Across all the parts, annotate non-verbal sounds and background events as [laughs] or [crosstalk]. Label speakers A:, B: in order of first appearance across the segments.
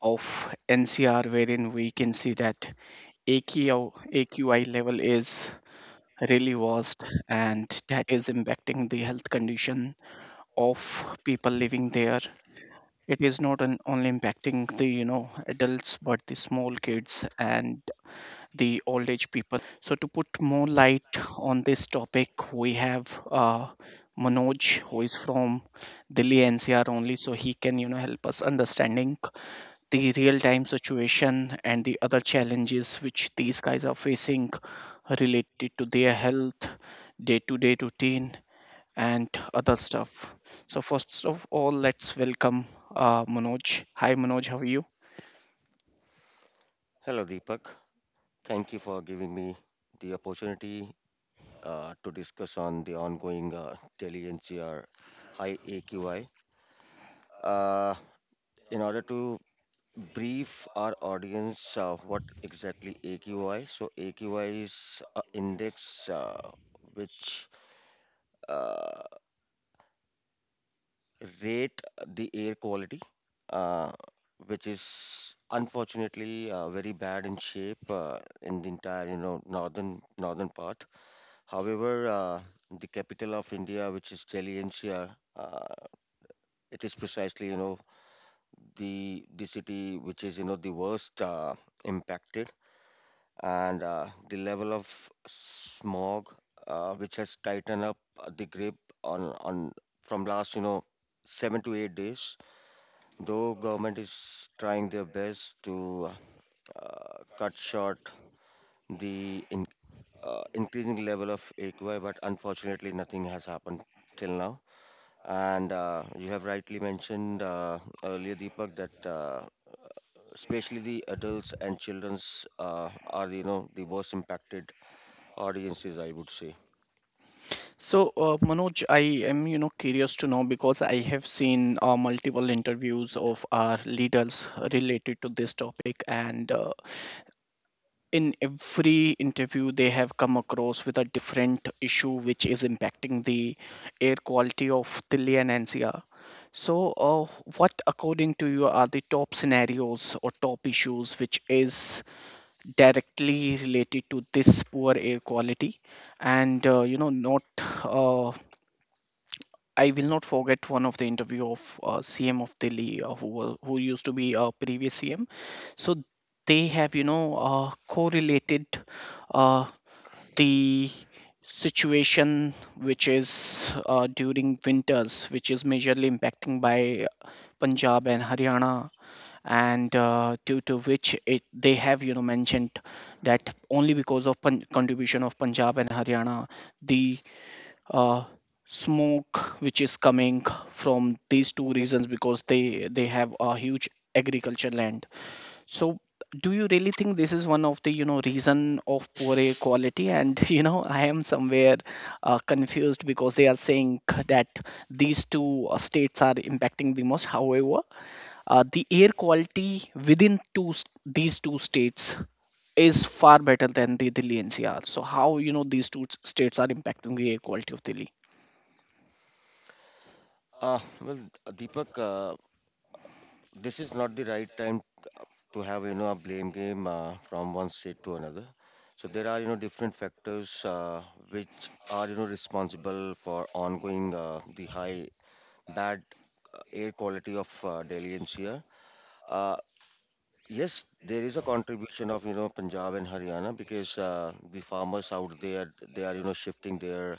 A: Of NCR wherein we can see that AQI level is really vast, and that is impacting the health condition of people living there. It is not only impacting the adults, but the small kids and the old age people. So to put more light on this topic, we have Manoj, who is from Delhi NCR only, so he can help us understanding the real time situation and the other challenges which these guys are facing related to their health, day to day routine, and other stuff. So, first of all, let's welcome Manoj. Hi, Manoj, how are you?
B: Hello, Deepak. Thank you for giving me the opportunity to discuss on the ongoing Delhi NCR high AQI. Uh, in order to brief our audience, what exactly AQI? So AQI is an index which uh, rate the air quality, uh, which is unfortunately very bad in shape in the entire northern part. However, the capital of India, which is Delhi NCR, it is precisely the city which is the worst impacted, and the level of smog which has tightened up the grip on on from last 7 to 8 days. Though government is trying their best to cut short the increasing level of AQI, but unfortunately nothing has happened till now. And you have rightly mentioned earlier, Deepak, that especially the adults and childrens are, you know, the most impacted audiences, I would say.
A: So, Manoj, I am curious to know, because I have seen multiple interviews of our leaders related to this topic, and in every interview they have come across with a different issue which is impacting the air quality of Delhi and NCR. So, what according to you are the top scenarios or top issues which is directly related to this poor air quality, and not uh, I will not forget one of the interview of CM of Delhi, who used to be a previous CM. So they have, correlated uh, the situation, which is during winters, which is majorly impacting by Punjab and Haryana, and due to which it they have, mentioned that only because of contribution of Punjab and Haryana, the uh, smoke which is coming from these two reasons, because they have a huge agriculture land. So do you really think this is one of the reason of poor air quality? And [laughs] I am somewhere confused, because they are saying that these two states are impacting the most, however the air quality within these two states is far better than the Delhi NCR. So how these states are impacting the air quality of Delhi?
B: Well, Deepak, this is not the right time to have, you know, a blame game from one state to another. So there are, you know, different factors which are, you know, responsible for ongoing the high bad air quality of Delhi NCR. Uh, Yes, there is a contribution of, you know, Punjab and Haryana because the farmers out there, they are, you know, shifting their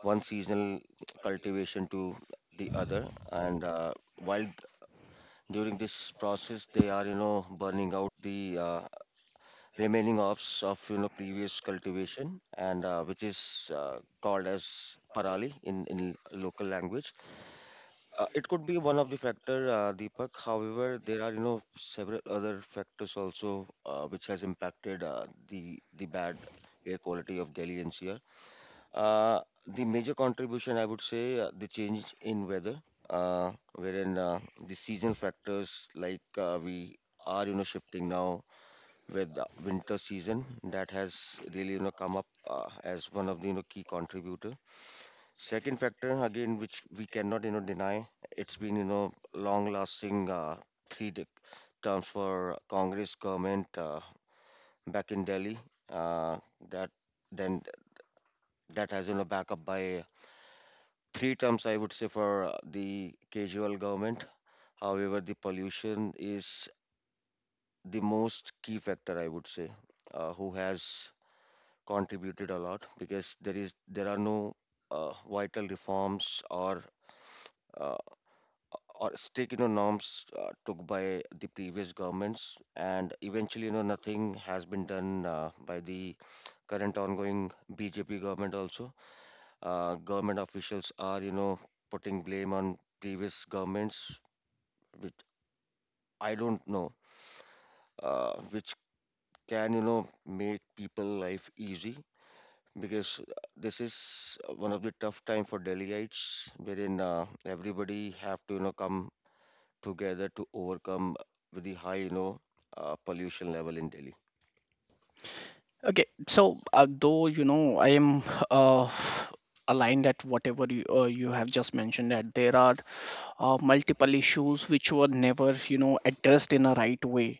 B: one seasonal cultivation to the other. And while during this process, they are, you know, burning out the remaining offs of, you know, previous cultivation and which is called as parali in local language. It could be one of the factor, Deepak. However, there are several other factors also which has impacted the bad air quality of Delhi NCR. Uh, the major contribution, I would say, the change in weather, wherein the seasonal factors like we are shifting now with the winter season that has really come up as one of the key contributor. Second factor again, which we cannot deny, it's been long-lasting three dec terms for Congress government back in Delhi. Uh, that then that has back up by three terms, I would say, for the casual government. However, the pollution is the most key factor, I would say, who has contributed a lot because there are no vital reforms uh, or strict norms took by the previous governments and eventually nothing has been done by the current ongoing BJP government. Also government officials are putting blame on previous governments which I don't know which can make people life easy, because this is one of the tough time for Delhiites wherein everybody have to come together to overcome with the high, you know, pollution level in Delhi.
A: Okay, so though I am uh, aligned at whatever you have just mentioned, that there are multiple issues which were never addressed in a right way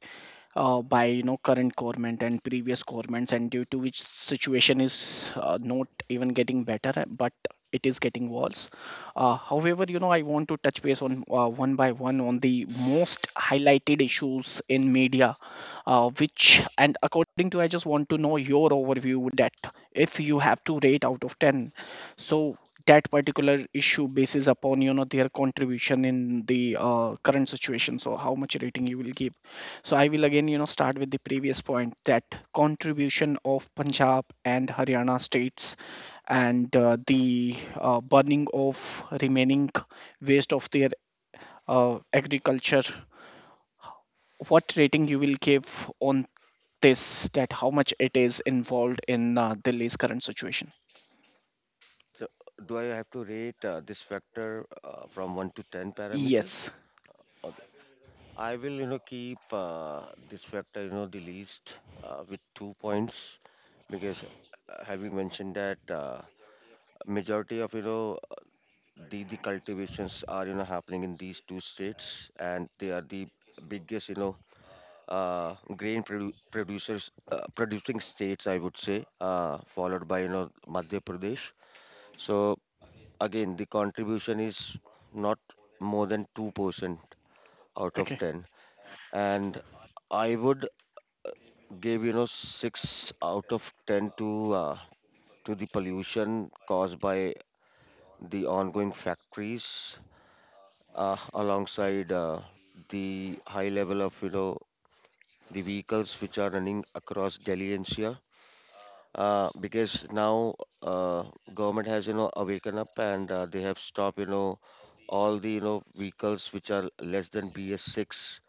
A: by current government and previous governments, and due to which situation is not even getting better, but it is getting worse. However, I want to touch base on one by one on the most highlighted issues in media, which and according to I just want to know your overview, that if you have to rate out of 10 so that particular issue basis upon their contribution in the current situation, so how much rating you will give. So I will again, start with the previous point, that contribution of Punjab and Haryana states and the burning of remaining waste of their agriculture. What rating you will give on this? That how much it is involved in Delhi's current situation?
B: So, do I have to rate this factor from 1 to 10 parameters?
A: Yes.
B: Okay. I will, you know, keep this factor, you know, the least with 2 points because having mentioned that majority of, you know, the cultivations are, you know, happening in these two states and they are the biggest, you know, grain producers producing states, I would say, followed by Madhya Pradesh. So again, the contribution is not more than 2% out of
A: Okay.
B: 10, and I would give 6 out of 10 to the pollution caused by the ongoing factories alongside the high level of the vehicles which are running across Delhi NCR because now uh, government has awakened up and they have stopped all the vehicles which are less than BS6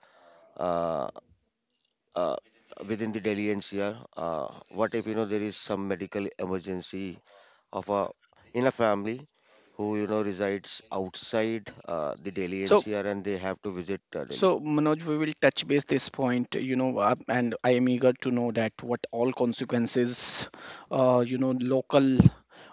B: uh, uh, within the Delhi NCR. What if there is some medical emergency of a in a family who resides outside the Delhi
A: So
B: NCR and they have to visit Delhi.
A: So, Manoj, we will touch base this point, and I am eager to know that what all consequences, local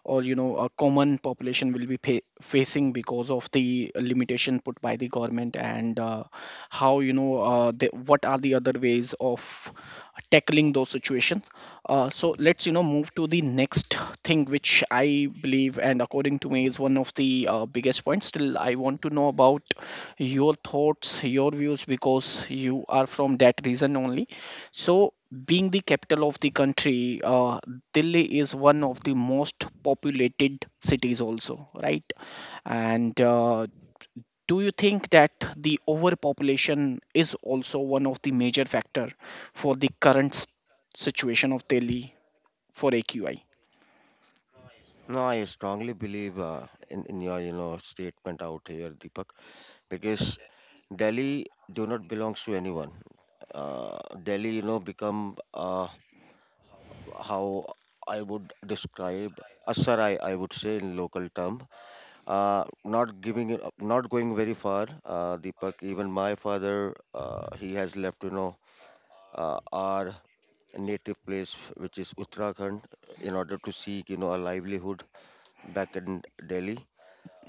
A: or a common population will be facing because of the limitation put by the government, and how what are the other ways of tackling those situations. So let's move to the next thing, which I believe and according to me is one of the biggest points. Still, I want to know about your thoughts, your views, because you are from that region only. So, being the capital of the country, Delhi is one of the most populated cities, also, right? And do you think that the overpopulation is also one of the major factor for the current situation of Delhi for AQI?
B: No, I strongly believe in your statement out here, Deepak, because Delhi do not belongs to anyone. Delhi, you know, become how I would describe a sarai, I would say in local term. Not giving, it up- not going very far. Deepak, even my father, he has left, you know, our native place, which is Uttarakhand, in order to seek, you know, a livelihood back in Delhi,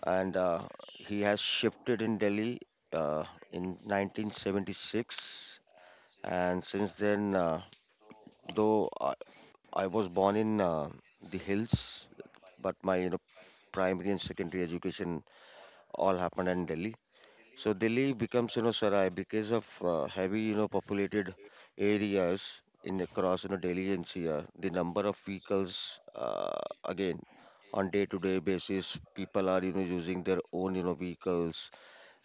B: and he has shifted in Delhi uh, in 1976. And since then, though I was born in the hills, but my primary and secondary education all happened in Delhi. So Delhi becomes Sarai because of heavy populated areas in across Delhi NCR. The number of vehicles again on day-to-day basis, people are using their own vehicles,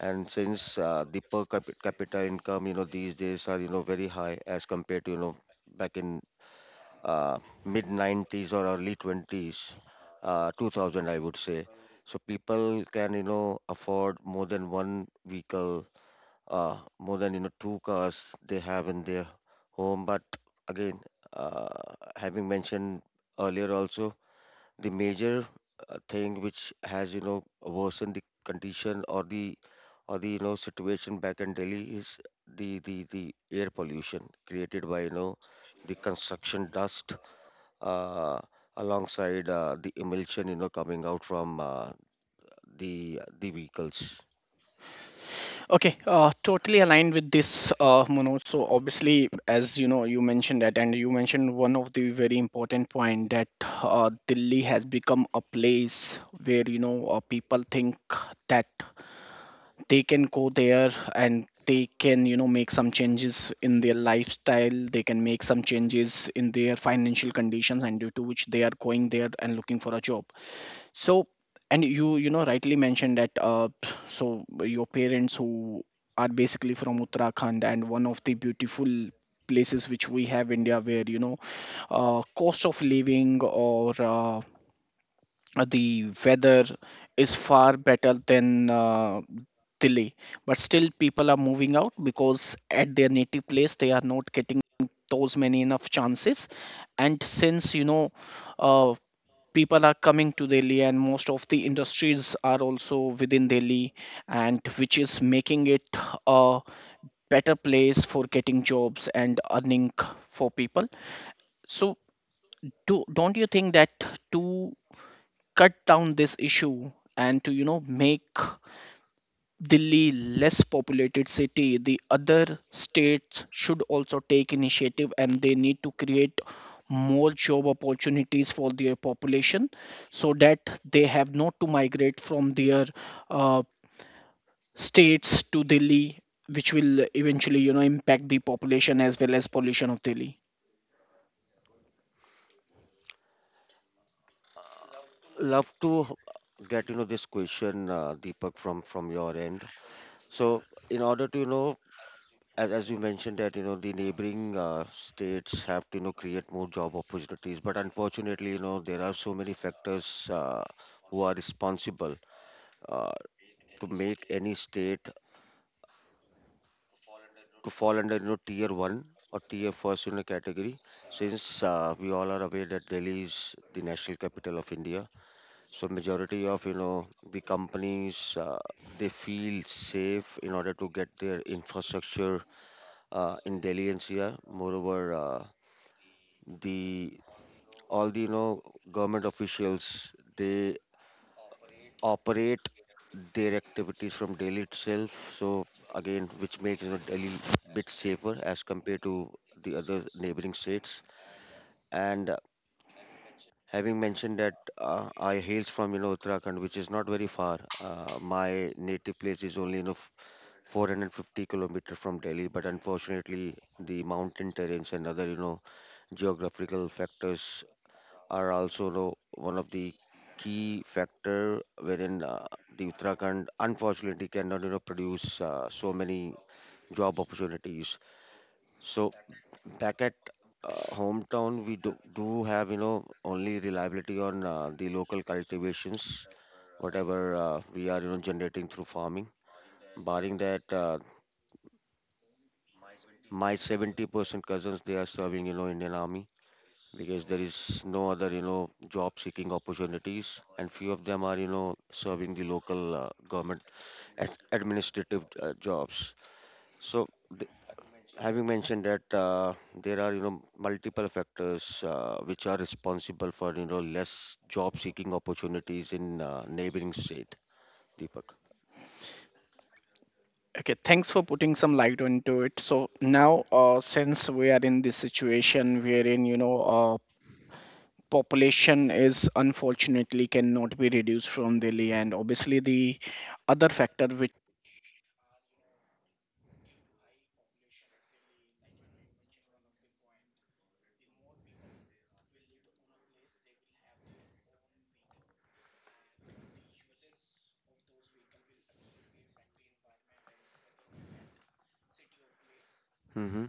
B: and since the capita income, you know, these days are, you know, very high as compared to, you know, back in uh, mid 90s or early 20s, 2000, I would say. So people can, you know, afford more than one vehicle, more than, you know, two cars they have in their home. But again, uh, having mentioned earlier also, the major thing which has, you know, worsened the condition or the situation back in Delhi is the air pollution created by the construction dust uh, alongside the emulsion coming out from the vehicles.
A: Okay, totally aligned with this, Manoj. So obviously, as you know, you mentioned that, and you mentioned one of the very important point, that Delhi has become a place where people think that they can go there and they can make some changes in their lifestyle, they can make some changes in their financial conditions, and due to which they are going there and looking for a job. So, and you know rightly mentioned that, so your parents who are basically from Uttarakhand, and one of the beautiful places which we have India, where cost of living or the weather is far better than Delhi, but still people are moving out because at their native place they are not getting those many enough chances. And since uh, people are coming to Delhi, and most of the industries are also within Delhi, and which is making it a better place for getting jobs and earning for people. So don't you think that to cut down this issue and to make Delhi, less populated city, the other states should also take initiative and they need to create more job opportunities for their population so that they have not to migrate from their uh, states to Delhi, which will eventually, impact the population as well as pollution of Delhi.
B: Love to get this question Deepak from your end. So in order to as you mentioned that the neighboring states have to create more job opportunities, but unfortunately there are so many factors who are responsible uh, to make any state to fall under tier 1 or tier first category, since we all are aware that Delhi is the national capital of India. So majority of the companies they feel safe in order to get their infrastructure in Delhi NCR. Moreover, the all the government officials, they operate their activities from Delhi itself. So again, which makes Delhi bit safer as compared to the other neighboring states. And having mentioned that, I hails from Uttarakhand, which is not very far. My native place is only 450 kilometers from Delhi, but unfortunately, the mountain terrains and other geographical factors are also one of the key factor wherein the Uttarakhand unfortunately cannot produce so many job opportunities. So back at hometown we do have only reliability on the local cultivations whatever we are generating through farming. Barring that, my 70% cousins, they are serving Indian army, because there is no other job seeking opportunities, and few of them are serving the local government administrative jobs. So th- having mentioned that, there are multiple factors which are responsible for less job seeking opportunities in neighboring state, Deepak.
A: Okay, thanks for putting some light onto it. So now, since we are in this situation wherein population is unfortunately cannot be reduced from Delhi, and obviously the other factor which...
B: Mm-hmm.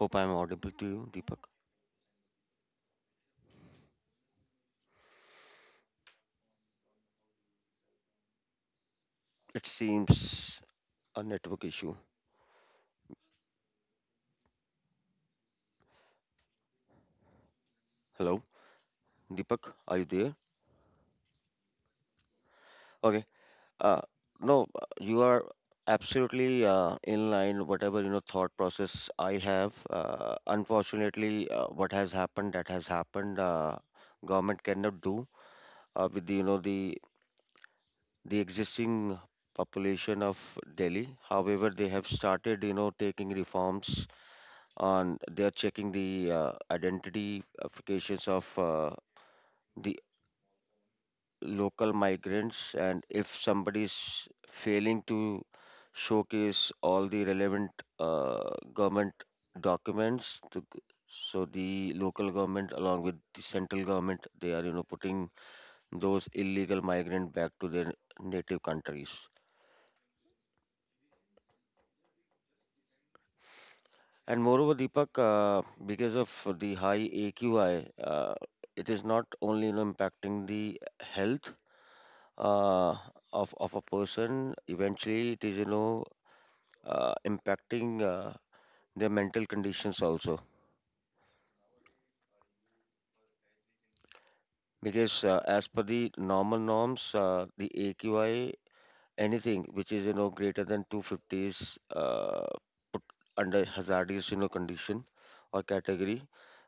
B: Hope I'm audible to you, Deepak. It seems a network issue. Hello, Deepak, are you there? Okay. Uh, no, you are absolutely in line, whatever you know, thought process I have. Unfortunately, what has happened, that has happened. Government cannot do with the, you know, the existing population of Delhi. However, they have started taking reforms on. They are checking the identifications of the local migrants, and if somebody is failing to showcase all the relevant government documents, so the local government along with the central government, they are putting those illegal migrant back to their native countries. And moreover, Deepak, because of the high AQI, it is not only you know, impacting the health uh, of a person. Eventually, it is impacting their mental conditions also. Because as per the normal norms, the AQI, anything which is greater than 250 is put under hazardous condition or category.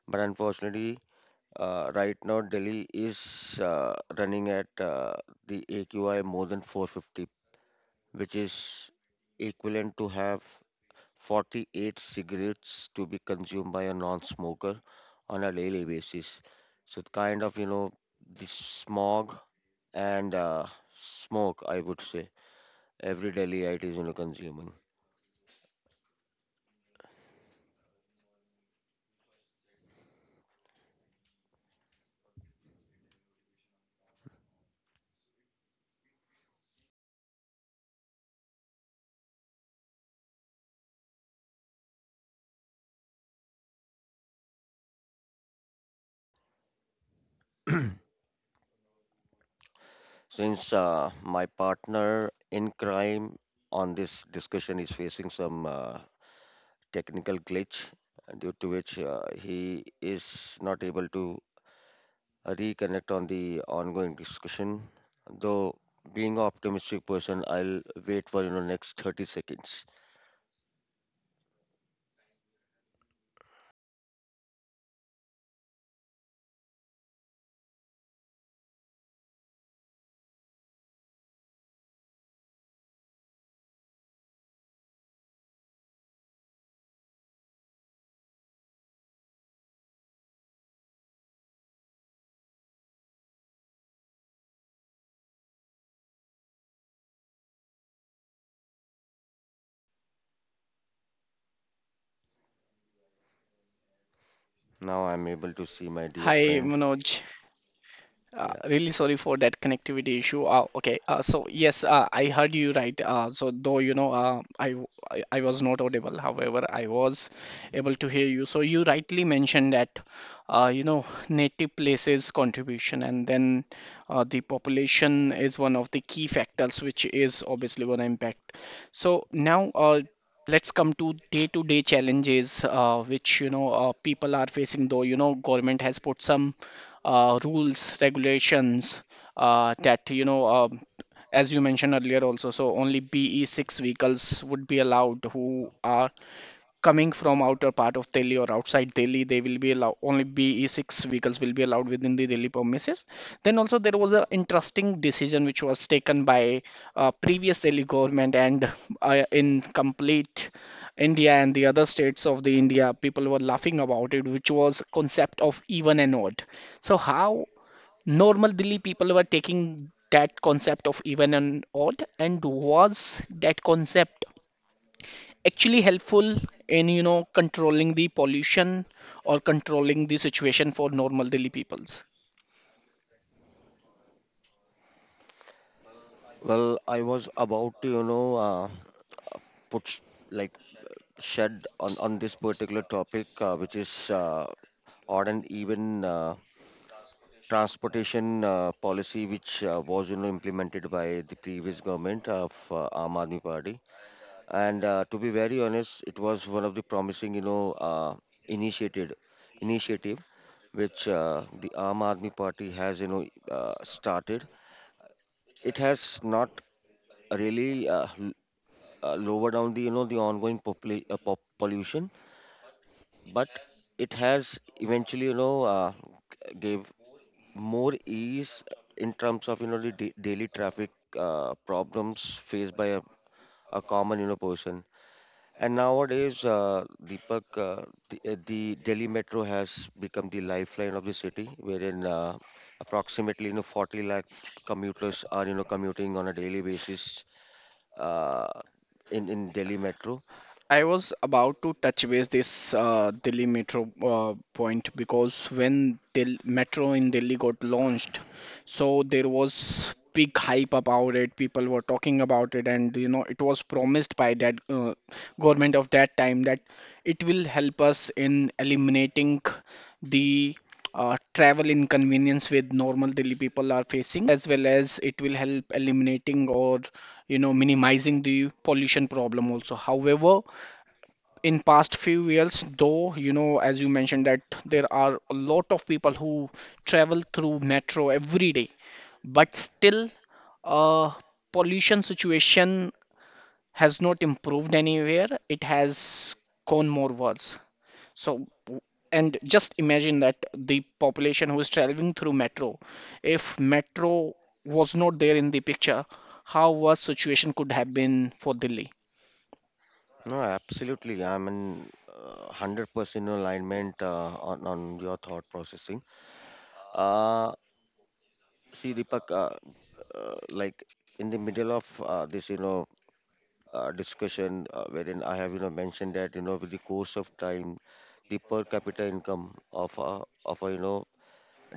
B: But unfortunately, right now Delhi is running at the AQI more than 450, which is equivalent to have 48 cigarettes to be consumed by a non-smoker on a daily basis. So it kind of, you know, the smog and smoke, I would say, every daily it is, you know, consuming. Since my partner in crime on this discussion is facing some technical glitch, due to which he is not able to reconnect on the ongoing discussion. Though being an optimistic person, I'll wait for next 30 seconds. Now I'm able to see my dear
A: Hi,
B: friend.
A: Manoj. Uh,
B: Yeah.
A: really sorry for that connectivity issue. Okay, so yes, I heard you right. So though I, w- I was not audible. However, I was able to hear you. So you rightly mentioned that, native places contribution, and then the population is one of the key factors, which is obviously one impact. So now, let's come to day-to-day challenges which people are facing, though government has put some rules regulations, that as you mentioned earlier also, so only BE 6 vehicles would be allowed who are coming from outer part of Delhi or outside Delhi, they will be allowed, only BE6 vehicles will be allowed within the Delhi premises. Then also there was an interesting decision which was taken by previous Delhi government, and in complete India and the other states of the India, people were laughing about it, which was concept of even and odd. So how normal Delhi people were taking that concept of even and odd, and was that concept actually helpful in controlling the pollution or controlling the situation for normal Delhi peoples?
B: Well, I was about to put like shed on this particular topic, which is odd and even transportation policy, which was implemented by the previous government of Aam Aadmi Party. And to be very honest, it was one of the promising, initiated initiative which the Aam Aadmi Party has, started. It has not really lowered down the, the ongoing pollution, but it has eventually, gave more ease in terms of, the daily traffic problems faced by a common, person. And nowadays, Deepak, the Delhi Metro has become the lifeline of the city, wherein approximately 40 lakh commuters are commuting on a daily basis uh, in Delhi Metro.
A: I was about to touch base this Delhi metro point, because when metro in Delhi got launched, so there was big hype about it, people were talking about it, and it was promised by that government of that time that it will help us in eliminating the travel inconvenience with normal Delhi people are facing, as well as it will help eliminating or minimizing the pollution problem also. However, in past few years, though as you mentioned, that there are a lot of people who travel through metro every day, but still uh, pollution situation has not improved anywhere, it has gone more worse. So and just imagine that the population who is traveling through metro, if metro was not there in the picture, how worse situation could have been for Delhi.
B: No, absolutely, I'm in 100% alignment on your thought processing. Uh, see, Deepak, like in the middle of this, discussion wherein I have mentioned that with the course of time, the per capita income of a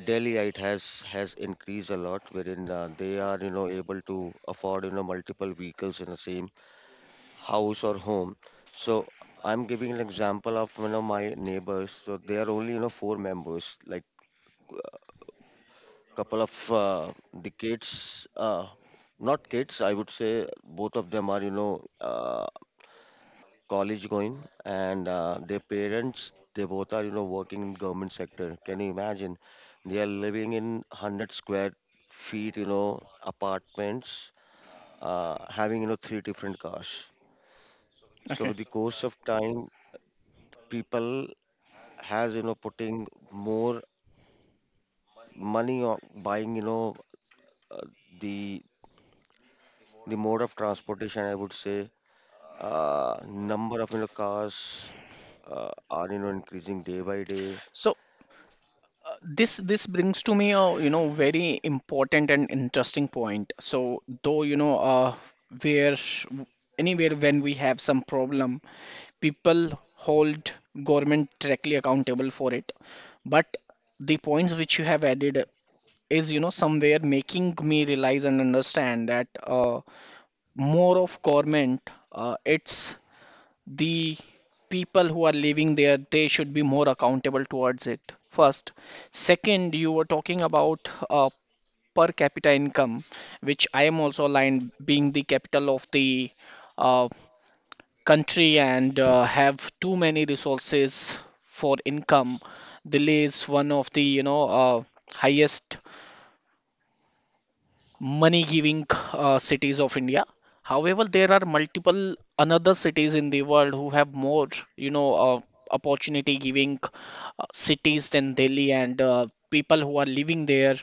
B: Delhiite has increased a lot, wherein they are able to afford multiple vehicles in the same house or home. So I'm giving an example of one of my neighbors. So they are only four members, like couple of the kids, not kids. I would say both of them are college going, and their parents, they both are working in government sector. Can you imagine they are living in 100 square feet apartments having three different cars? So
A: Okay.
B: with the course of time, people has putting more money on buying uh, the mode of transportation. I would say uh, number of cars uh, are increasing day by day.
A: So this brings to me a very important and interesting point. So though where anywhere when we have some problem, people hold government directly accountable for it. But the points which you have added is somewhere making me realize and understand that more of government, it's the people who are living there, they should be more accountable towards it. First, second, you were talking about per capita income, which I am also aligned. Being the capital of the uh, country and have too many resources for income, delay is one of the highest money giving cities of India. However, there are multiple another cities in the world who have more, you know, uh, opportunity giving cities than Delhi, and people who are living there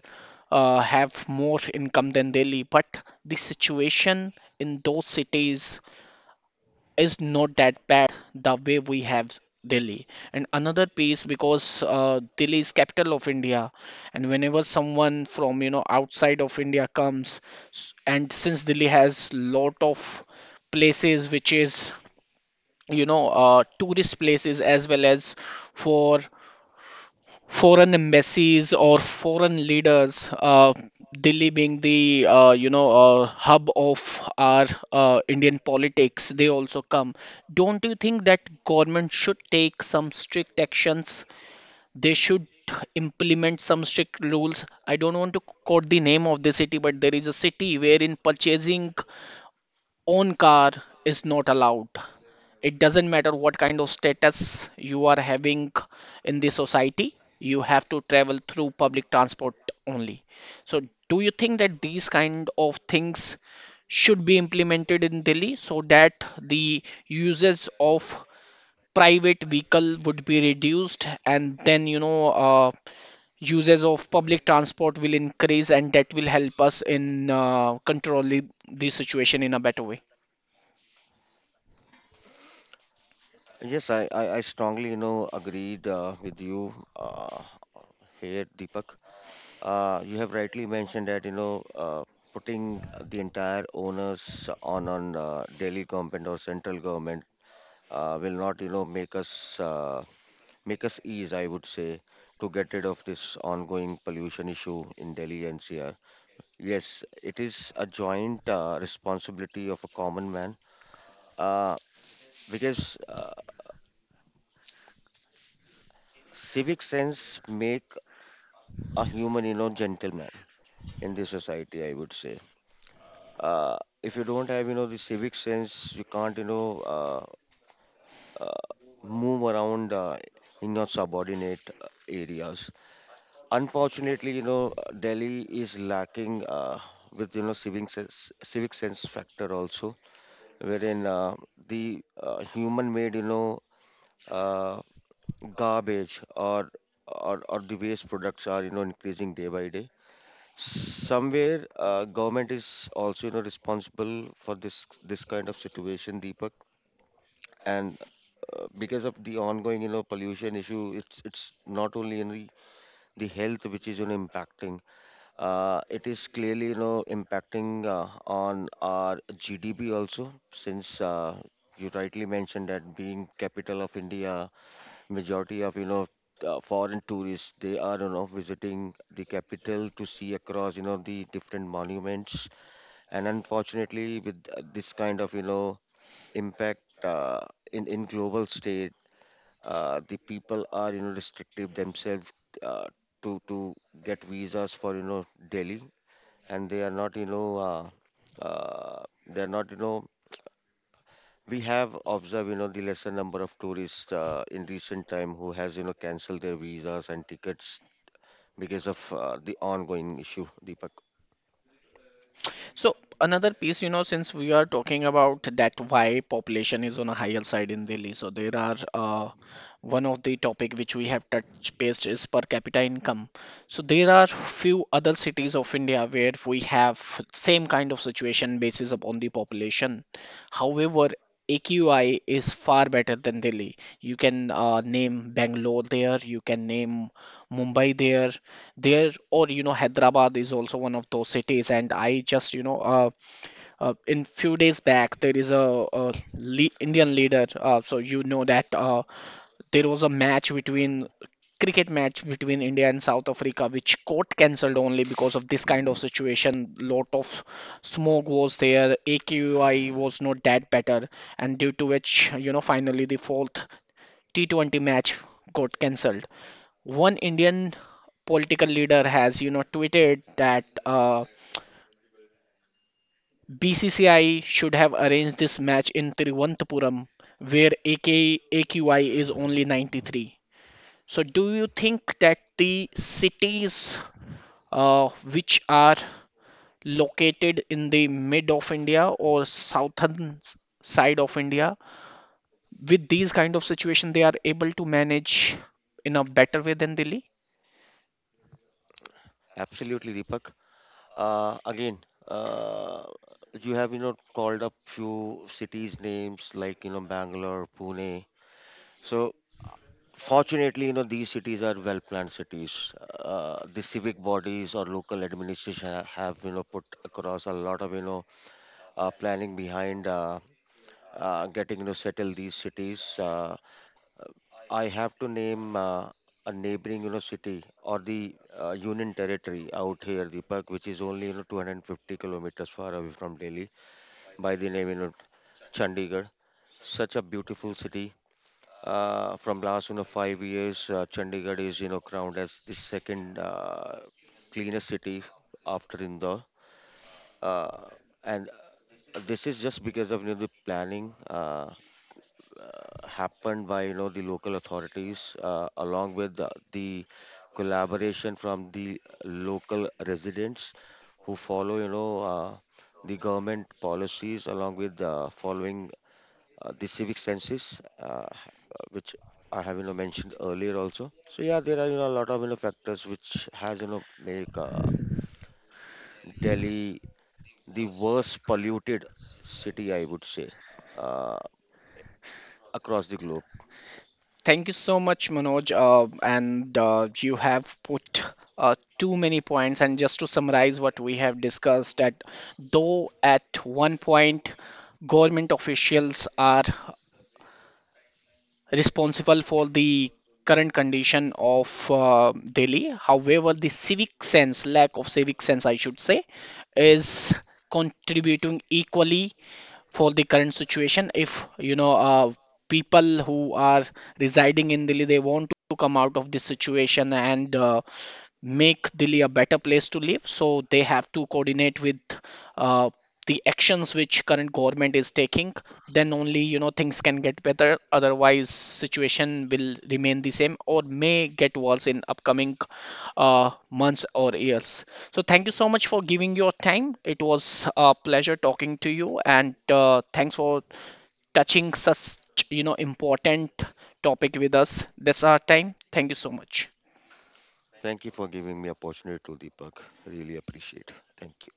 A: have more income than Delhi. But the situation in those cities is not that bad the way we have Delhi. And another piece, because Delhi is capital of India, and whenever someone from outside of India comes, and since Delhi has lot of places which is tourist places, as well as for foreign embassies or foreign leaders, Delhi being the hub of our Indian politics, they also come. Don't you think that government should take some strict actions? They should implement some strict rules. I don't want to quote the name of the city, but there is a city wherein purchasing own car is not allowed. It doesn't matter what kind of status you are having in the society, you have to travel through public transport only. So, do you think that these kind of things should be implemented in Delhi, so that the usage of private vehicle would be reduced, and then usage of public transport will increase, and that will help us in controlling the situation in a better way?
B: Yes, I strongly, agreed with you here, Deepak. You have rightly mentioned that, putting the entire onus on Delhi government or central government will not, make us ease, I would say, to get rid of this ongoing pollution issue in Delhi NCR. Yes, it is a joint responsibility of a common man uh, because civic sense make a human, gentleman in this society, I would say. Uh, if you don't have, the civic sense, you can't, uh, uh, move around in your subordinate areas. Unfortunately, Delhi is lacking with, civic sense factor also, wherein the human-made, uh, garbage or the waste products are increasing day by day. Somewhere, government is also, responsible for this kind of situation, Deepak. And because of the ongoing, pollution issue, it's not only in the health which is, impacting. It is clearly, impacting on our GDP also, since you rightly mentioned that being capital of India, majority of, foreign tourists, they are visiting the capital to see across the different monuments. And unfortunately, with this kind of impact in global state, the people are restrictive themselves uh, to get visas for Delhi, and they are not they are not we have observed the lesser number of tourists in recent time who has cancelled their visas and tickets because of the ongoing issue, Deepak.
A: So another piece, since we are talking about that why population is on a higher side in Delhi, so there are one of the topic which we have touched based is per capita income. So there are few other cities of India where we have same kind of situation basis upon the population. However, AQI is far better than Delhi. You can name Bangalore there, you can name Mumbai there, or Hyderabad is also one of those cities. And I just in few days back, there is a le Indian leader. So that there was a match between cricket match between India and South Africa, which got cancelled only because of this kind of situation. Lot of smoke was there, AQI was not that better, and due to which finally the fourth T20 match got cancelled. One Indian political leader has, tweeted that BCCI should have arranged this match in Thiruvananthapuram, where AQI is only 93. So, do you think that the cities which are located in the mid of India or southern side of India, with these kind of situation, they are able to manage in a better way than Delhi?
B: Absolutely, Deepak, again uh, you have called up few cities names like Bangalore, Pune. So fortunately, these cities are well planned cities. The civic bodies or local administration have put across a lot of planning behind getting settle these cities. I have to name a neighboring city or the Union Territory out here, Deepak, which is only 250 kilometers far away from Delhi by the name Chandigarh. Such a beautiful city. From last 5 years, Chandigarh is crowned as the second cleanest city after Indore. Uh, and this is just because of the planning happened by the local authorities along with the collaboration from the local residents who follow the government policies along with following the civic senses which I have mentioned earlier also. So yeah, there are a lot of factors which has make Delhi the worst polluted city, I would say, uh, across the globe.
A: Thank you so much, Manoj. And you have put too many points. And just to summarize what we have discussed, that though at one point government officials are responsible for the current condition of Delhi. However, the civic sense, lack of civic sense, I should say, is contributing equally for the current situation. If people who are residing in Delhi, they want to come out of this situation and make Delhi a better place to live. So they have to coordinate with uh, the actions which current government is taking think, then only things can get better, otherwise situation will remain the same or may get worse in upcoming uh, months or years. So thank you so much for giving your time. It was a pleasure talking to you, and thanks for touching such important topic with us. That's our time. Thank you so much.
B: Thank you for giving me opportunity to, Deepak. Really appreciate. Thank you.